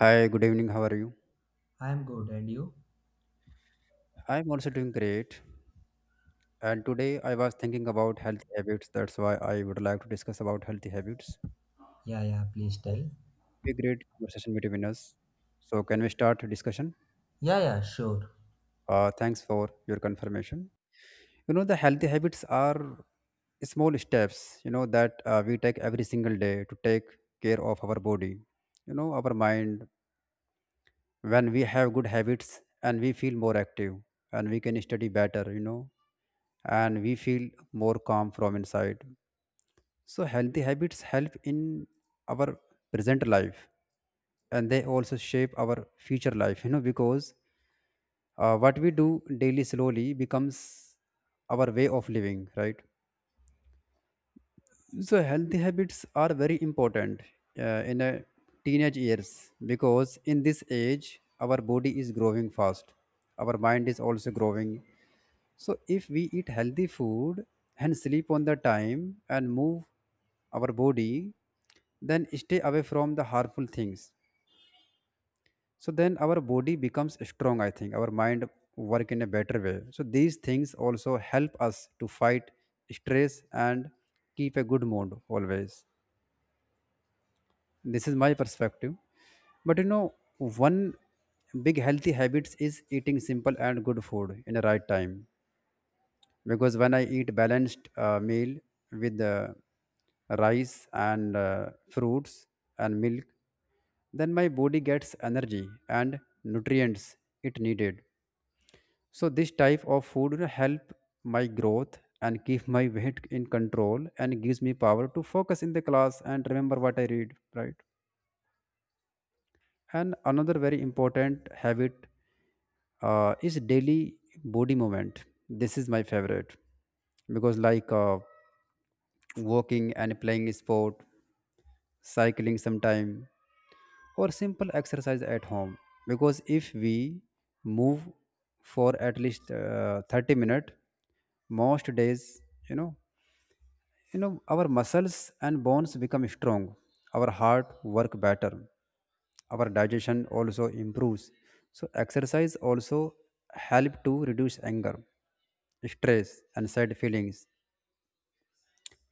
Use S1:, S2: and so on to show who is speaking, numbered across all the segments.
S1: Hi, good evening. How are you?
S2: I'm good, and you?
S1: I'm also doing great. And today I was thinking about healthy habits. That's why I would like to discuss about healthy habits.
S2: Yeah, yeah, please tell.
S1: A great conversation between us. So can we start the discussion?
S2: Yeah, yeah, sure.
S1: Thanks for your confirmation. The healthy habits are small steps, that we take every single day to take care of our body, our mind. When we have good habits and we feel more active and we can study better, and we feel more calm from inside. So healthy habits help in our present life and they also shape our future life, because what we do daily slowly becomes our way of living, right? So healthy habits are very important in a teenage years, because in this age our body is growing fast, our mind is also growing. So if we eat healthy food and sleep on the time and move our body, then stay away from the harmful things. So then our body becomes strong. I think our mind work in a better way. So these things also help us to fight stress and keep a good mood always. This is my perspective. But one big healthy habits is eating simple and good food in the right time. Because when I eat balanced meal with rice and fruits and milk, then my body gets energy and nutrients it needed. So this type of food will help my growth and keep my weight in control and gives me power to focus in the class and remember what I read, right? And another very important habit is daily body movement. This is my favorite because like walking and playing sport, cycling sometime, or simple exercise at home. Because if we move for at least 30 minutes, most days, you know, our muscles and bones become strong, our heart work better, our digestion also improves. So exercise also help to reduce anger, stress and sad feelings.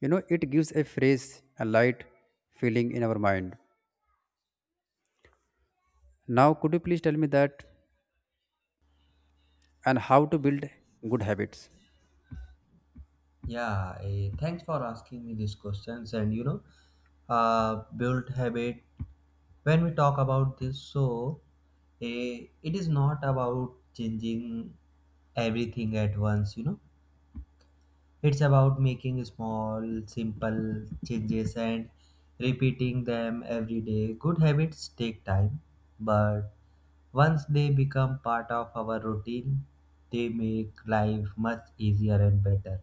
S1: It gives a fresh, a light feeling in our mind. Now could you please tell me that and how to build good habits?
S2: Yeah, thanks for asking me these questions. And build habit. When we talk about this, so it is not about changing everything at once, you know. It's about making small, simple changes and repeating them every day. Good habits take time, but once they become part of our routine, they make life much easier and better.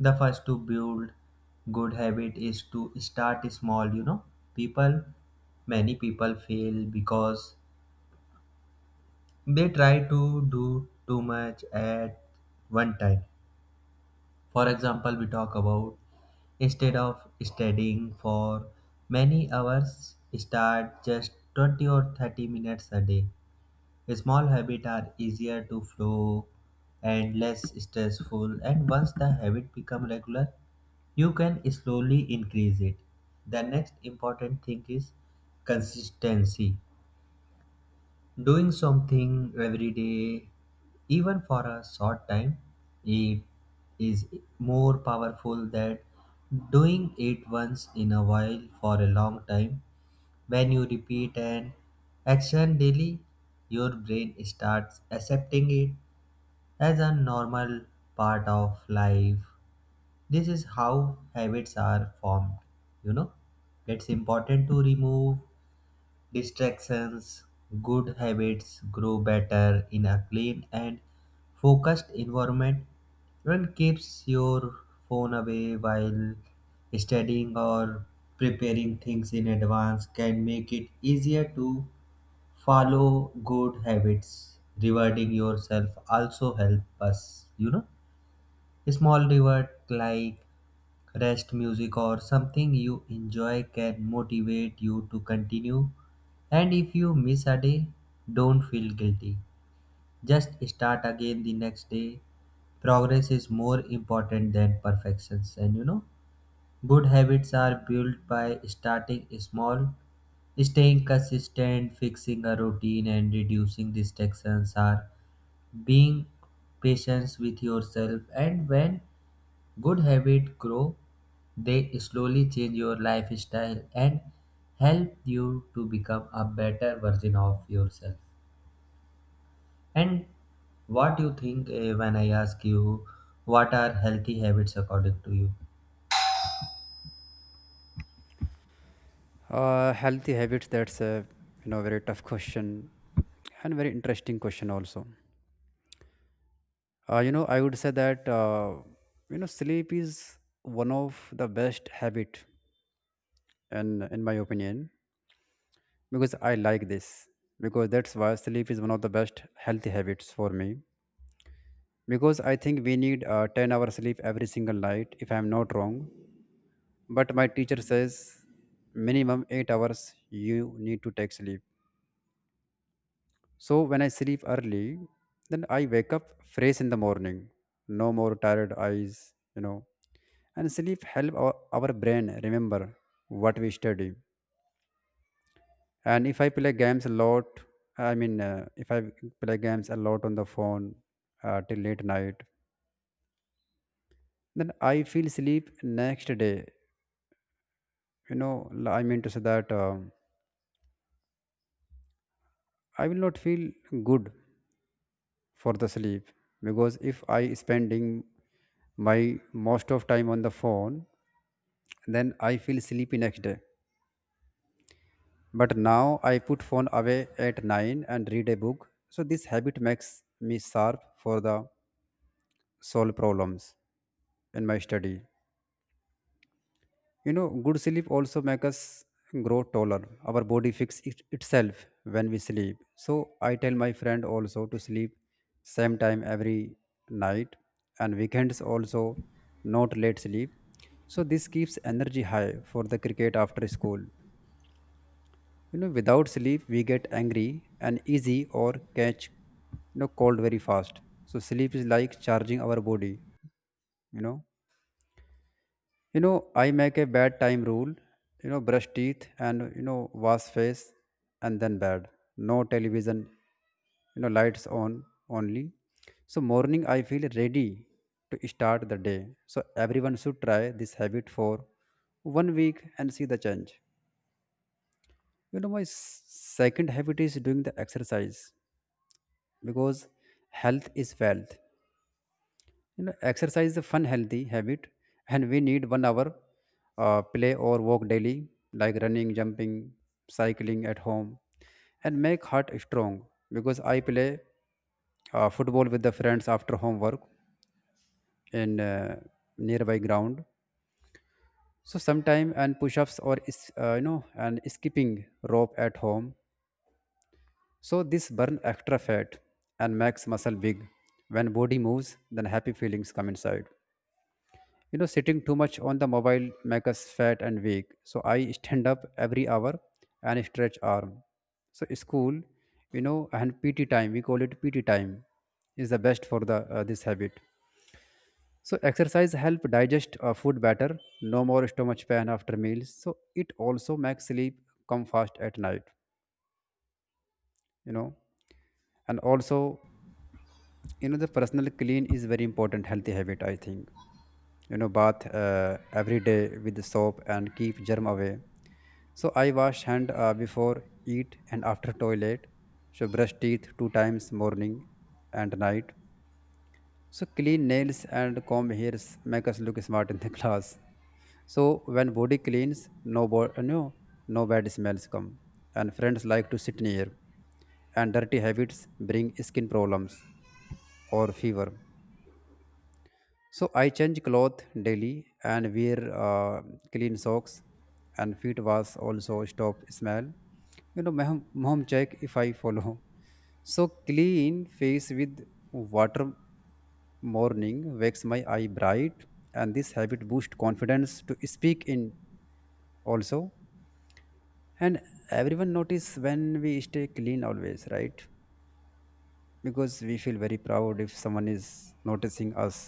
S2: The first to build good habit is to start small, you know. People, many people fail because they try to do too much at one time. For example, we talk about instead of studying for many hours, start just 20 or 30 minutes a day. Small habits are easier to flow and less stressful, and once the habit become regular, you can slowly increase it. The next important thing is consistency. Doing something every day, even for a short time, it is more powerful than doing it once in a while for a long time. When you repeat an action daily, your brain starts accepting it as a normal part of life. This is how habits are formed. You know, it's important to remove distractions. Good habits grow better in a clean and focused environment. One keeps your phone away while studying or preparing things in advance can make it easier to follow good habits. Rewarding yourself also help us, you know. Small reward like rest music or something you enjoy can motivate you to continue. And if you miss a day, don't feel guilty. Just start again the next day. Progress is more important than perfections. And you know, good habits are built by starting small. Staying consistent, fixing a routine, and reducing distractions are being patient with yourself. And when good habits grow, they slowly change your lifestyle and help you to become a better version of yourself. And what you think when I ask you, what are healthy habits according to you?
S1: Healthy habits, that's a very tough question and very interesting question also. I would say that sleep is one of the best habit, and in my opinion, because I like this, because that's why sleep is one of the best healthy habits for me. Because I think we need 10 hours sleep every single night, if I'm not wrong. But my teacher says minimum 8 hours you need to take sleep. So when I sleep early, then I wake up fresh in the morning, no more tired eyes, you know and sleep help our brain remember what we study. And if I play games a lot, I mean, if I play games a lot on the phone till late night, then I feel sleep next day. I mean to say that I will not feel good for the sleep, because if I spending my most of time on the phone, then I feel sleepy next day. But now I put phone away at 9 and read a book. So this habit makes me sharp for the solve problems in my study. Good sleep also makes us grow taller. Our body fix it itself when we sleep. So I tell my friend also to sleep same time every night, and weekends also not late sleep. So this keeps energy high for the cricket after school. Without sleep, we get angry and easy or catch, cold very fast. So sleep is like charging our body, you know. I make a bad time rule, brush teeth and wash face, and then bed. No television, lights on only. So morning I feel ready to start the day. So everyone should try this habit for one week and see the change. My second habit is doing the exercise. Because health is wealth. Exercise is a fun healthy habit, and we need one hour play or walk daily, like running, jumping, cycling at home, and make heart strong. Because I play football with the friends after homework in nearby ground. So sometime and push-ups or is- you know and skipping rope at home. So this burn extra fat and makes muscle big. When body moves, then happy feelings come inside. Sitting too much on the mobile makes us fat and weak. So I stand up every hour and stretch arm. So school, and PT time, we call it PT time, is the best for the this habit. So exercise help digest food better. No more stomach pain after meals. So it also makes sleep come fast at night. You know, and also the personal clean is very important healthy habit, I think. Bath every day with the soap and keep germ away. So I wash hand before eat and after toilet. So brush teeth two times morning and night. So clean nails and comb hairs make us look smart in the class. So when body cleans, no bo- uh, no no bad smells come, and friends like to sit near. And dirty habits bring skin problems or fever. So I change cloth daily and wear clean socks, and feet wash also stop smell. My mom check if I follow. So clean face with water morning wakes my eye bright, and this habit boost confidence to speak in also. And everyone notice when we stay clean, always right, because we feel very proud if someone is noticing us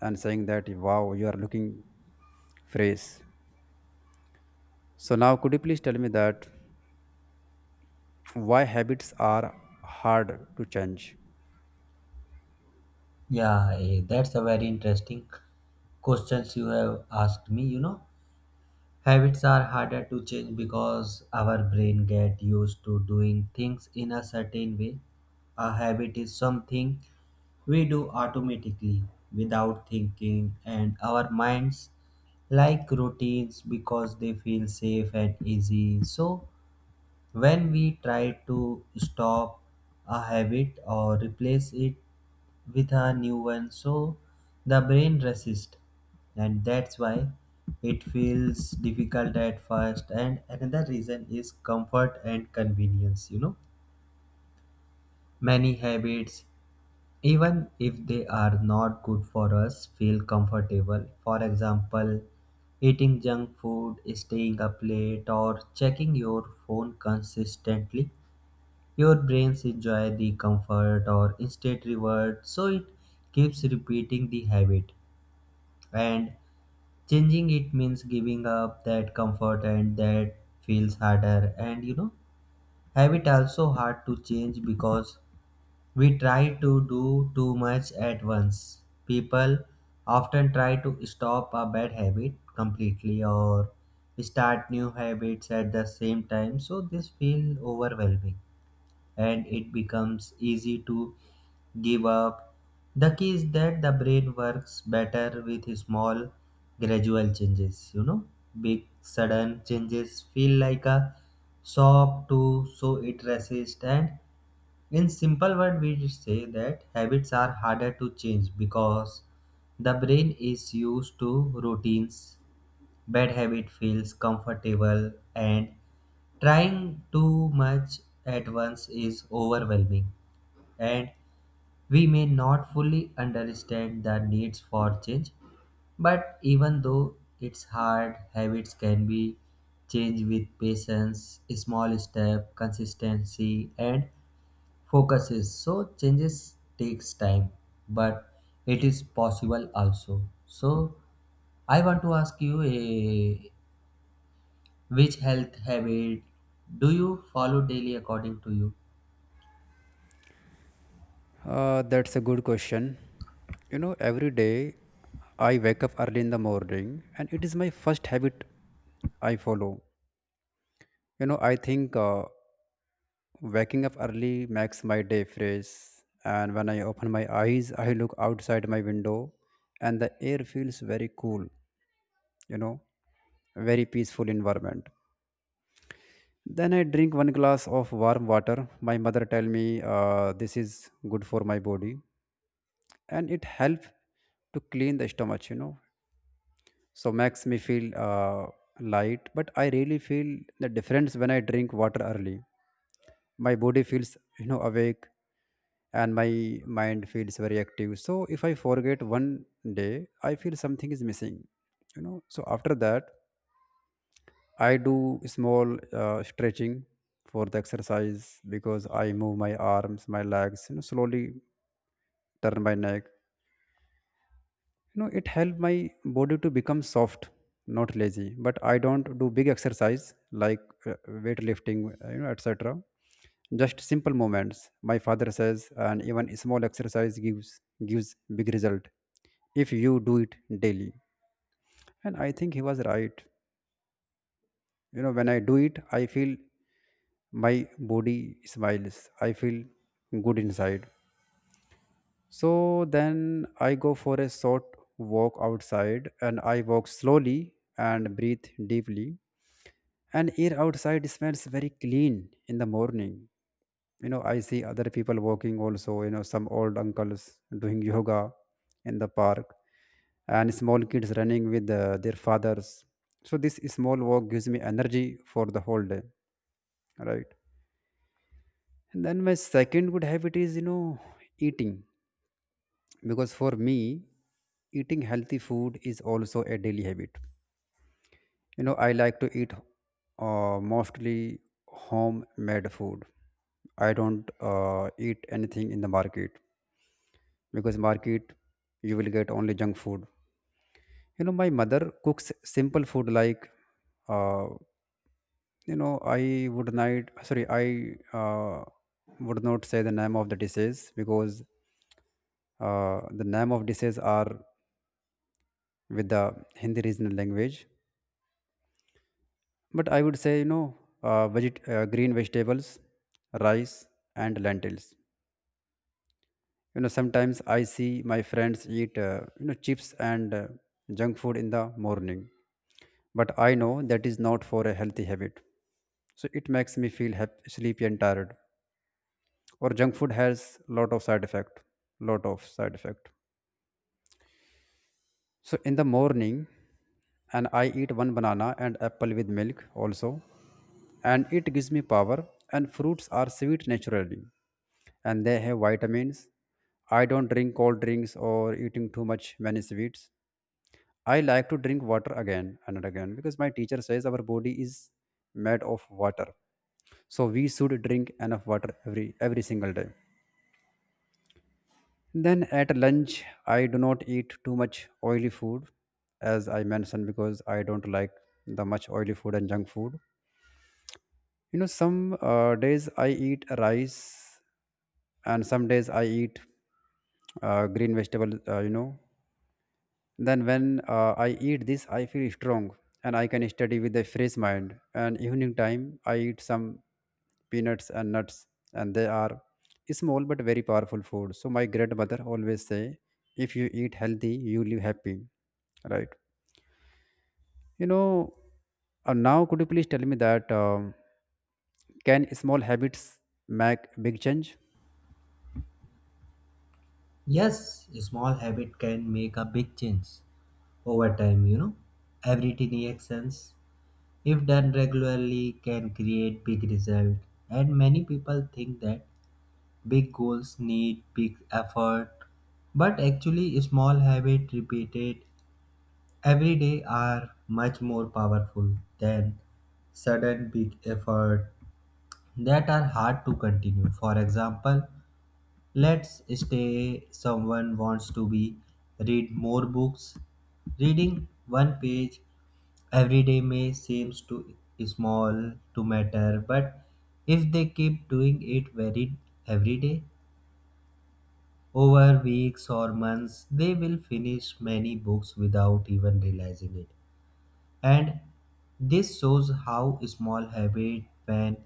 S1: and saying that, wow, you are looking phrase. So now, could you please tell me that why habits are hard to change?
S2: Yeah, that's a very interesting questions you have asked me, you know. Habits are harder to change because our brain get used to doing things in a certain way. A habit is something we do automatically without thinking, and our minds like routines because they feel safe and easy. So when we try to stop a habit or replace it with a new one, so the brain resists, and that's why it feels difficult at first. And another reason is comfort and convenience. You know, many habits, even if they are not good for us, feel comfortable. For example, eating junk food, staying up late, or checking your phone consistently, your brains enjoy the comfort or instant reward, so it keeps repeating the habit. And changing it means giving up that comfort, and that feels harder. And you know, habit also hard to change because we try to do too much at once. People often try to stop a bad habit completely or start new habits at the same time, so this feels overwhelming and it becomes easy to give up. The key is that the brain works better with small, gradual changes. You know, big, sudden changes feel like a shock, to so it resists. And in simple word, we say that habits are harder to change because the brain is used to routines. Bad habit feels comfortable, and trying too much at once is overwhelming, and we may not fully understand the needs for change. But even though it's hard, habits can be changed with patience, small step, consistency, and focuses. So changes takes time, but it is possible also. So I want to ask you a which health habit do you follow daily according to you?
S1: That's a good question. Every day I wake up early in the morning, and it is my first habit I follow. I think waking up early makes my day fresh, and when I open my eyes, I look outside my window, and the air feels very cool. You know, Very peaceful environment. Then I drink one glass of warm water. My mother tell me this is good for my body, and it help to clean the stomach, so makes me feel light. But I really feel the difference when I drink water early. My body feels, awake, and my mind feels very active. So if I forget one day, I feel something is missing. So after that, I do small stretching for the exercise, because I move my arms, my legs, slowly turn my neck. It helps my body to become soft, not lazy. But I don't do big exercise like weightlifting, etc. Just simple movements. My father says, and even small exercise gives big result if you do it daily. And I think he was right. When I do it, I feel my body smiles. I feel good inside. So then I go for a short walk outside, and I walk slowly and breathe deeply. And air outside smells very clean in the morning. I see other people walking also. Some old uncles doing yoga in the park, and small kids running with their fathers. So this small walk gives me energy for the whole day, right? And then my second good habit is eating. Because for me, eating healthy food is also a daily habit. I like to eat mostly homemade food. I don't eat anything in the market, because market you will get only junk food. My mother cooks simple food like, uh, I would not— sorry, I would not say the name of the dishes, because the name of dishes are with the Hindi regional language. But I would say, green vegetables, rice, and lentils. Sometimes I see my friends eat, chips and junk food in the morning. But I know that is not for a healthy habit. So it makes me feel sleepy and tired. Or junk food has lot of side effect, lot of side effect. So in the morning, and I eat one banana and apple with milk also, and it gives me power. And fruits are sweet naturally, and they have vitamins. I don't drink cold drinks or eating too much many sweets. I like to drink water again and again because my teacher says our body is made of water. So we should drink enough water every single day. Then at lunch, I do not eat too much oily food, as I mentioned, because I don't like the much oily food and junk food. You know, some days I eat rice, and some days I eat green vegetable. Then when I eat this, I feel strong and I can study with a fresh mind. And evening time, I eat some peanuts and nuts, and they are small but very powerful food. So my grandmother always say, if you eat healthy, you live happy, right? You know, Now could you please tell me that can small habits make big change?
S2: Yes, a small habit can make a big change over time, you know. Every tiny actions, if done regularly, can create big result. And many people think that big goals need big effort, but actually small habit repeated every day are much more powerful than sudden big effort that are hard to continue. For example, let's stay someone wants to be read more books. Reading one page every day may seems too small to matter, but if they keep doing it very every day over weeks or months, they will finish many books without even realizing it. And this shows how small habit, when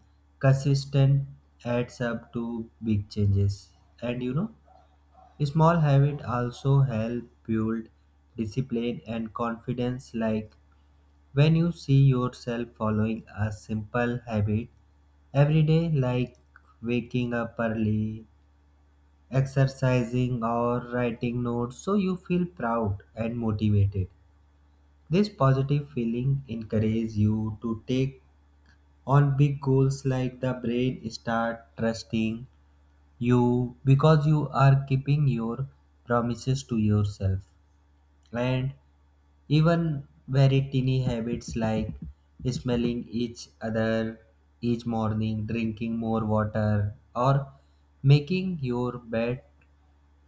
S2: consistent, adds up to big changes. And you know, small habits also help build discipline and confidence, like when you see yourself following a simple habit every day, like waking up early, exercising, or writing notes, so you feel proud and motivated. This positive feeling encourages you to take on big goals, like the brain start trusting you because you are keeping your promises to yourself. And even very teeny habits like smelling each other each morning, drinking more water, or making your bed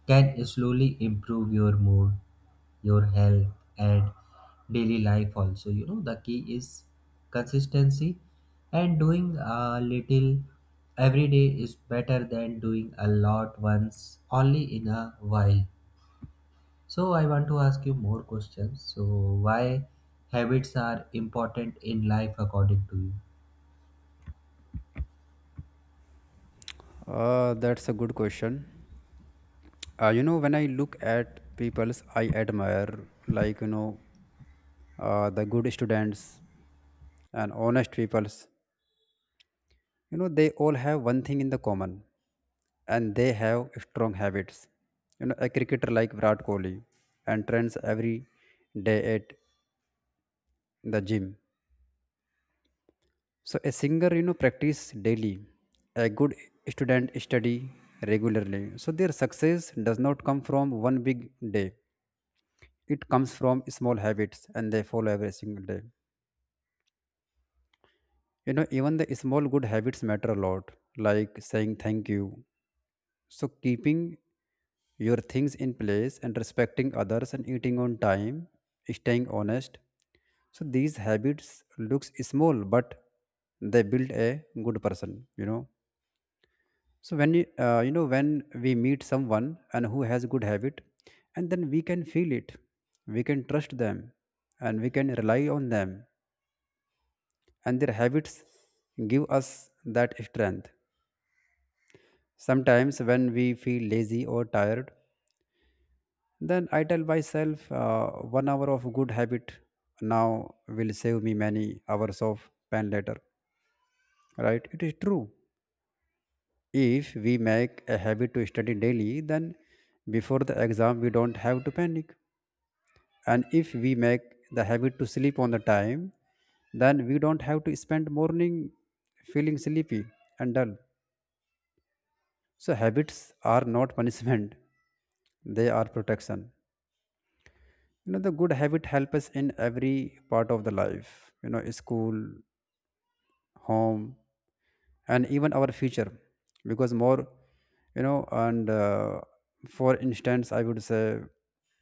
S2: can slowly improve your mood, your health, and daily life also. You know, the key is consistency, and doing a little every day is better than doing a lot once only in a while. So I want to ask you more questions. So why habits are important in life according to you?
S1: That's a good question. You know, when I look at people's I admire, the good students and honest peoples, you know, they all have one thing in the common, and they have strong habits. You know, a cricketer like Virat Kohli and trains every day at the gym. So a singer, you know, practice daily. A good student study regularly. So their success does not come from one big day. It comes from small habits and they follow every single day. You know, even the small good habits matter a lot, like saying thank you. So, keeping your things in place and respecting others and eating on time, staying honest. So, these habits looks small, but they build a good person, you know. So, when when we meet someone and who has good habit, and then we can feel it, we can trust them, and we can rely on them, and their habits give us that strength. Sometimes, when we feel lazy or tired, then I tell myself, 1 hour of good habit now will save me many hours of pain later. Right? It is true. If we make a habit to study daily, then before the exam we don't have to panic. And if we make the habit to sleep on the time, then we don't have to spend morning feeling sleepy and dull. So habits are not punishment; they are protection. You know, the good habit help us in every part of the life, you know, school, home, and even our future. Because more you know and for instance, I would say,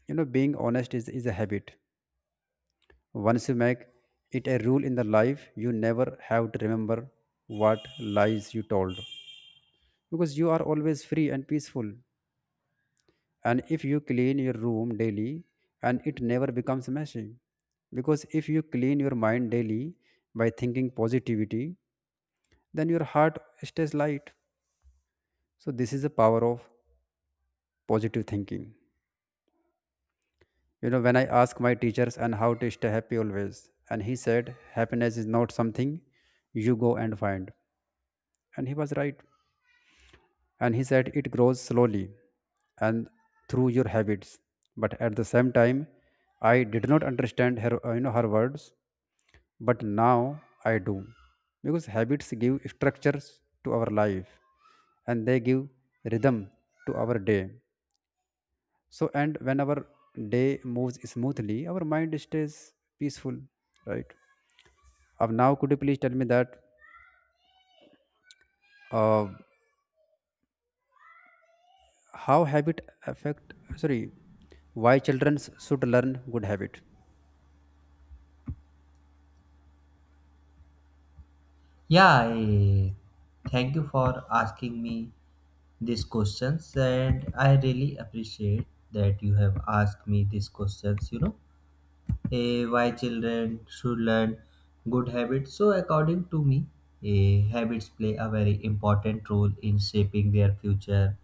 S1: you know, being honest is a habit. Once you make it a rule in the life, you never have to remember what lies you told, because you are always free and peaceful. And if you clean your room daily, and it never becomes messy. Because if you clean your mind daily by thinking positivity, then your heart stays light. So this is the power of positive thinking. You know, when I ask my teachers and how to stay happy always, and he said happiness is not something you go and find, and he was right. And he said it grows slowly and through your habits. But at the same time, I did not understand her her words, but now I do, because habits give structures to our life, and they give rhythm to our day. So, and when our day moves smoothly, our mind stays peaceful, right? Now, could you please tell me that uh, how habit affect? Sorry, why children should learn good habit?
S2: Yeah, I thank you for asking me these questions, and I really appreciate that you have asked me these questions, you know. Why children should learn good habits. So, according to me, habits play a very important role in shaping their future.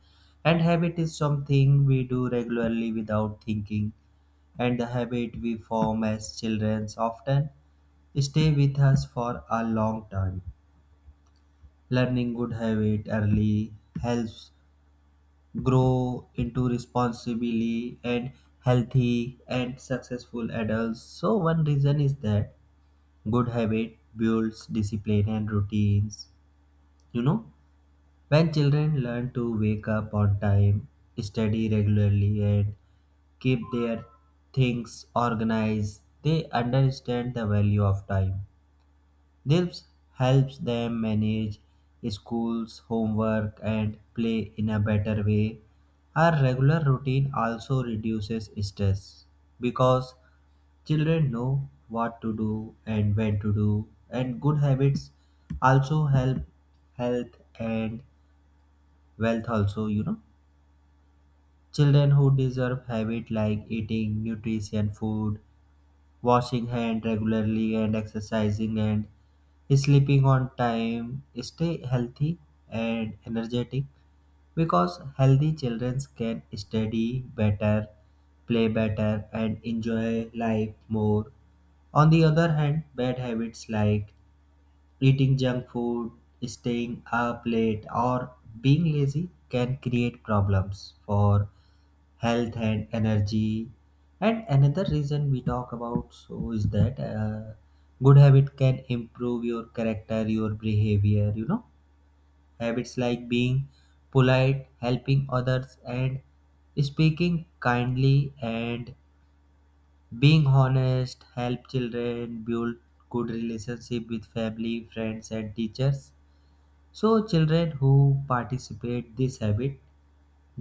S2: And habit is something we do regularly without thinking, and the habit we form as children often stay with us for a long time. Learning good habit early helps grow into responsibly and healthy and successful adults. So one reason is that good habit builds discipline and routines. You know, when children learn to wake up on time, study regularly, and keep their things organized, they understand the value of time. This helps them manage schools, homework, and play in a better way. Our regular routine also reduces stress because children know what to do and when to do, and good habits also help health and wealth also, you know. Children who deserve habit like eating nutrition food, washing hand regularly, and exercising, and sleeping on time stay healthy and energetic, because healthy children can study better, play better, and enjoy life more. On the other hand, bad habits like eating junk food, staying up late, or being lazy can create problems for health and energy. And another reason we talk about, so is that good habit can improve your character, your behavior, you know. Habits like being polite, helping others, and speaking kindly, and being honest help children build good relationship with family, friends, and teachers. So children who participate this habit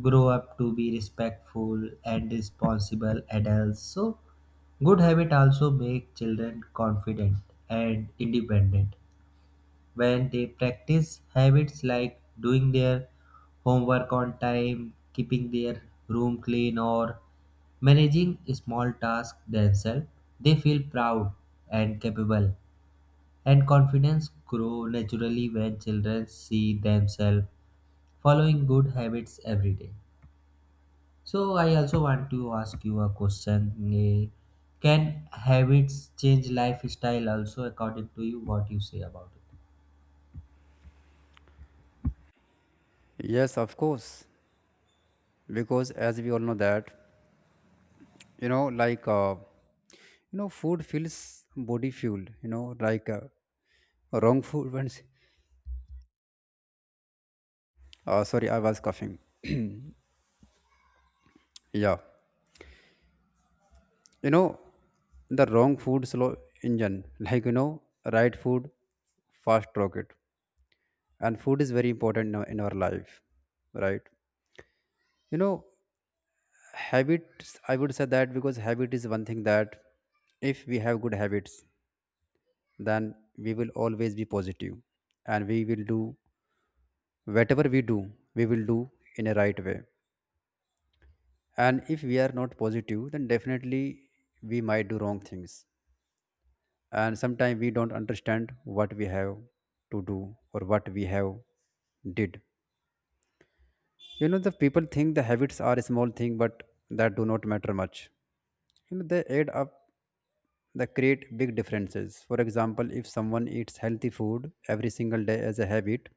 S2: grow up to be respectful and responsible adults. So, good habit also make children confident and independent when they practice habits like doing their homework on time, keeping their room clean, or managing small tasks themselves. They feel proud and capable, and confidence grow naturally when children see themselves following good habits every day. So I also want to ask you a question. eh, Can habits change lifestyle also according to you? What you say about it?
S1: Yes, of course, because as we all know that, you know like uh, you know, food fills body fuel, wrong food once. Sorry, I was coughing. Yeah, you know, the wrong food slow engine like, you know, right food fast rocket. And food is very important in our life, right? You know, habits, I would say that, because habit is one thing that if we have good habits, then we will always be positive, and we will do whatever we do, we will do in a right way. And if we are not positive, then definitely we might do wrong things. And sometimes we don't understand what we have to do or what we have did. You know, the people think the habits are a small thing but that do not matter much. You know, they add up, they create big differences. For example, if someone eats healthy food every single day as a habit,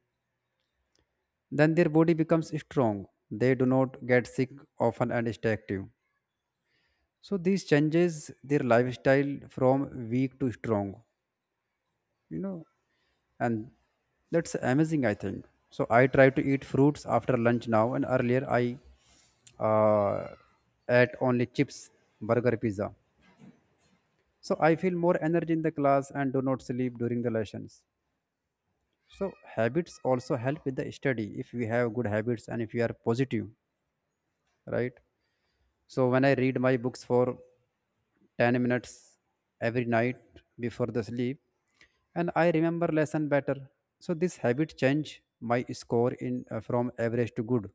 S1: then their body becomes strong, they do not get sick often and stay active. So this changes their lifestyle from weak to strong. You know, and that's amazing, I think. So I try to eat fruits after lunch now, and earlier I uh, ate only chips, burger, pizza. So I feel more energy in the class and do not sleep during the lessons. So habits also help with the study if we have good habits and if we are positive, right? So when I read my books for 10 minutes every night before the sleep, and I remember lesson better. So this habit changed my score in from average to good,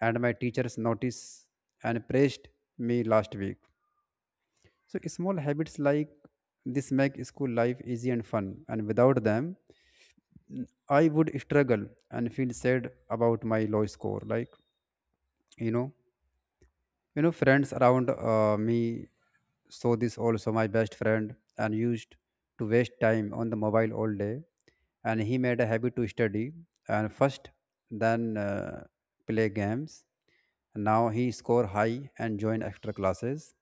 S1: and my teachers noticed and praised me last week. So small habits like this make school life easy and fun, and without them I would struggle and feel sad about my low score. Like you know you know friends around me saw this also. My best friend and used to waste time on the mobile all day, and he made a habit to study and first, then play games. Now he score high and join extra classes,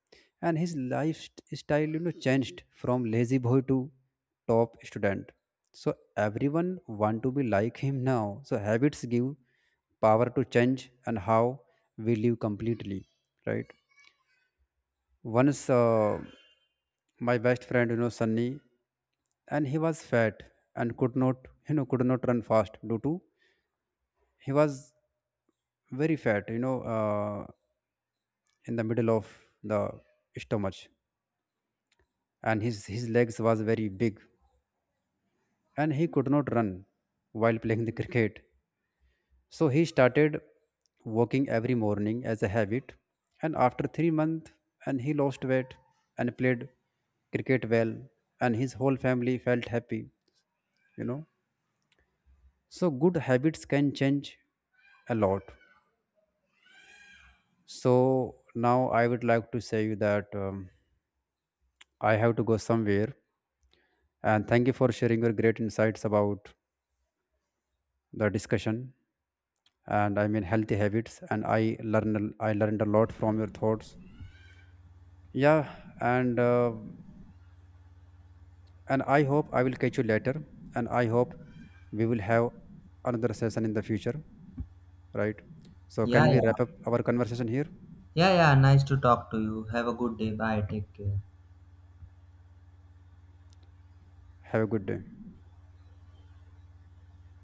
S1: and his lifestyle, you know, changed from lazy boy to top student. So everyone want to be like him now. So habits give power to change and how we live completely, right? Once my best friend, you know, Sunny, and he was fat and could not, you know could not run fast due to he was very fat, you know, in the middle of the stomach. And his legs was very big, and he could not run while playing the cricket. So he started walking every morning as a habit, and after 3 months, and he lost weight and played cricket well, and his whole family felt happy. You know, so good habits can change a lot. So now I would like to say you that I have to go somewhere, and thank you for sharing your great insights about the discussion and I mean healthy habits, and I learned a lot from your thoughts. Yeah, and. And I hope I will catch you later, and I hope we will have another session in the future, right? So can
S2: Yeah,
S1: we wrap
S2: yeah.
S1: up our conversation here?
S2: Yeah, yeah. Nice to talk to you. Have a good day. Bye. Take care.
S1: Have a good day.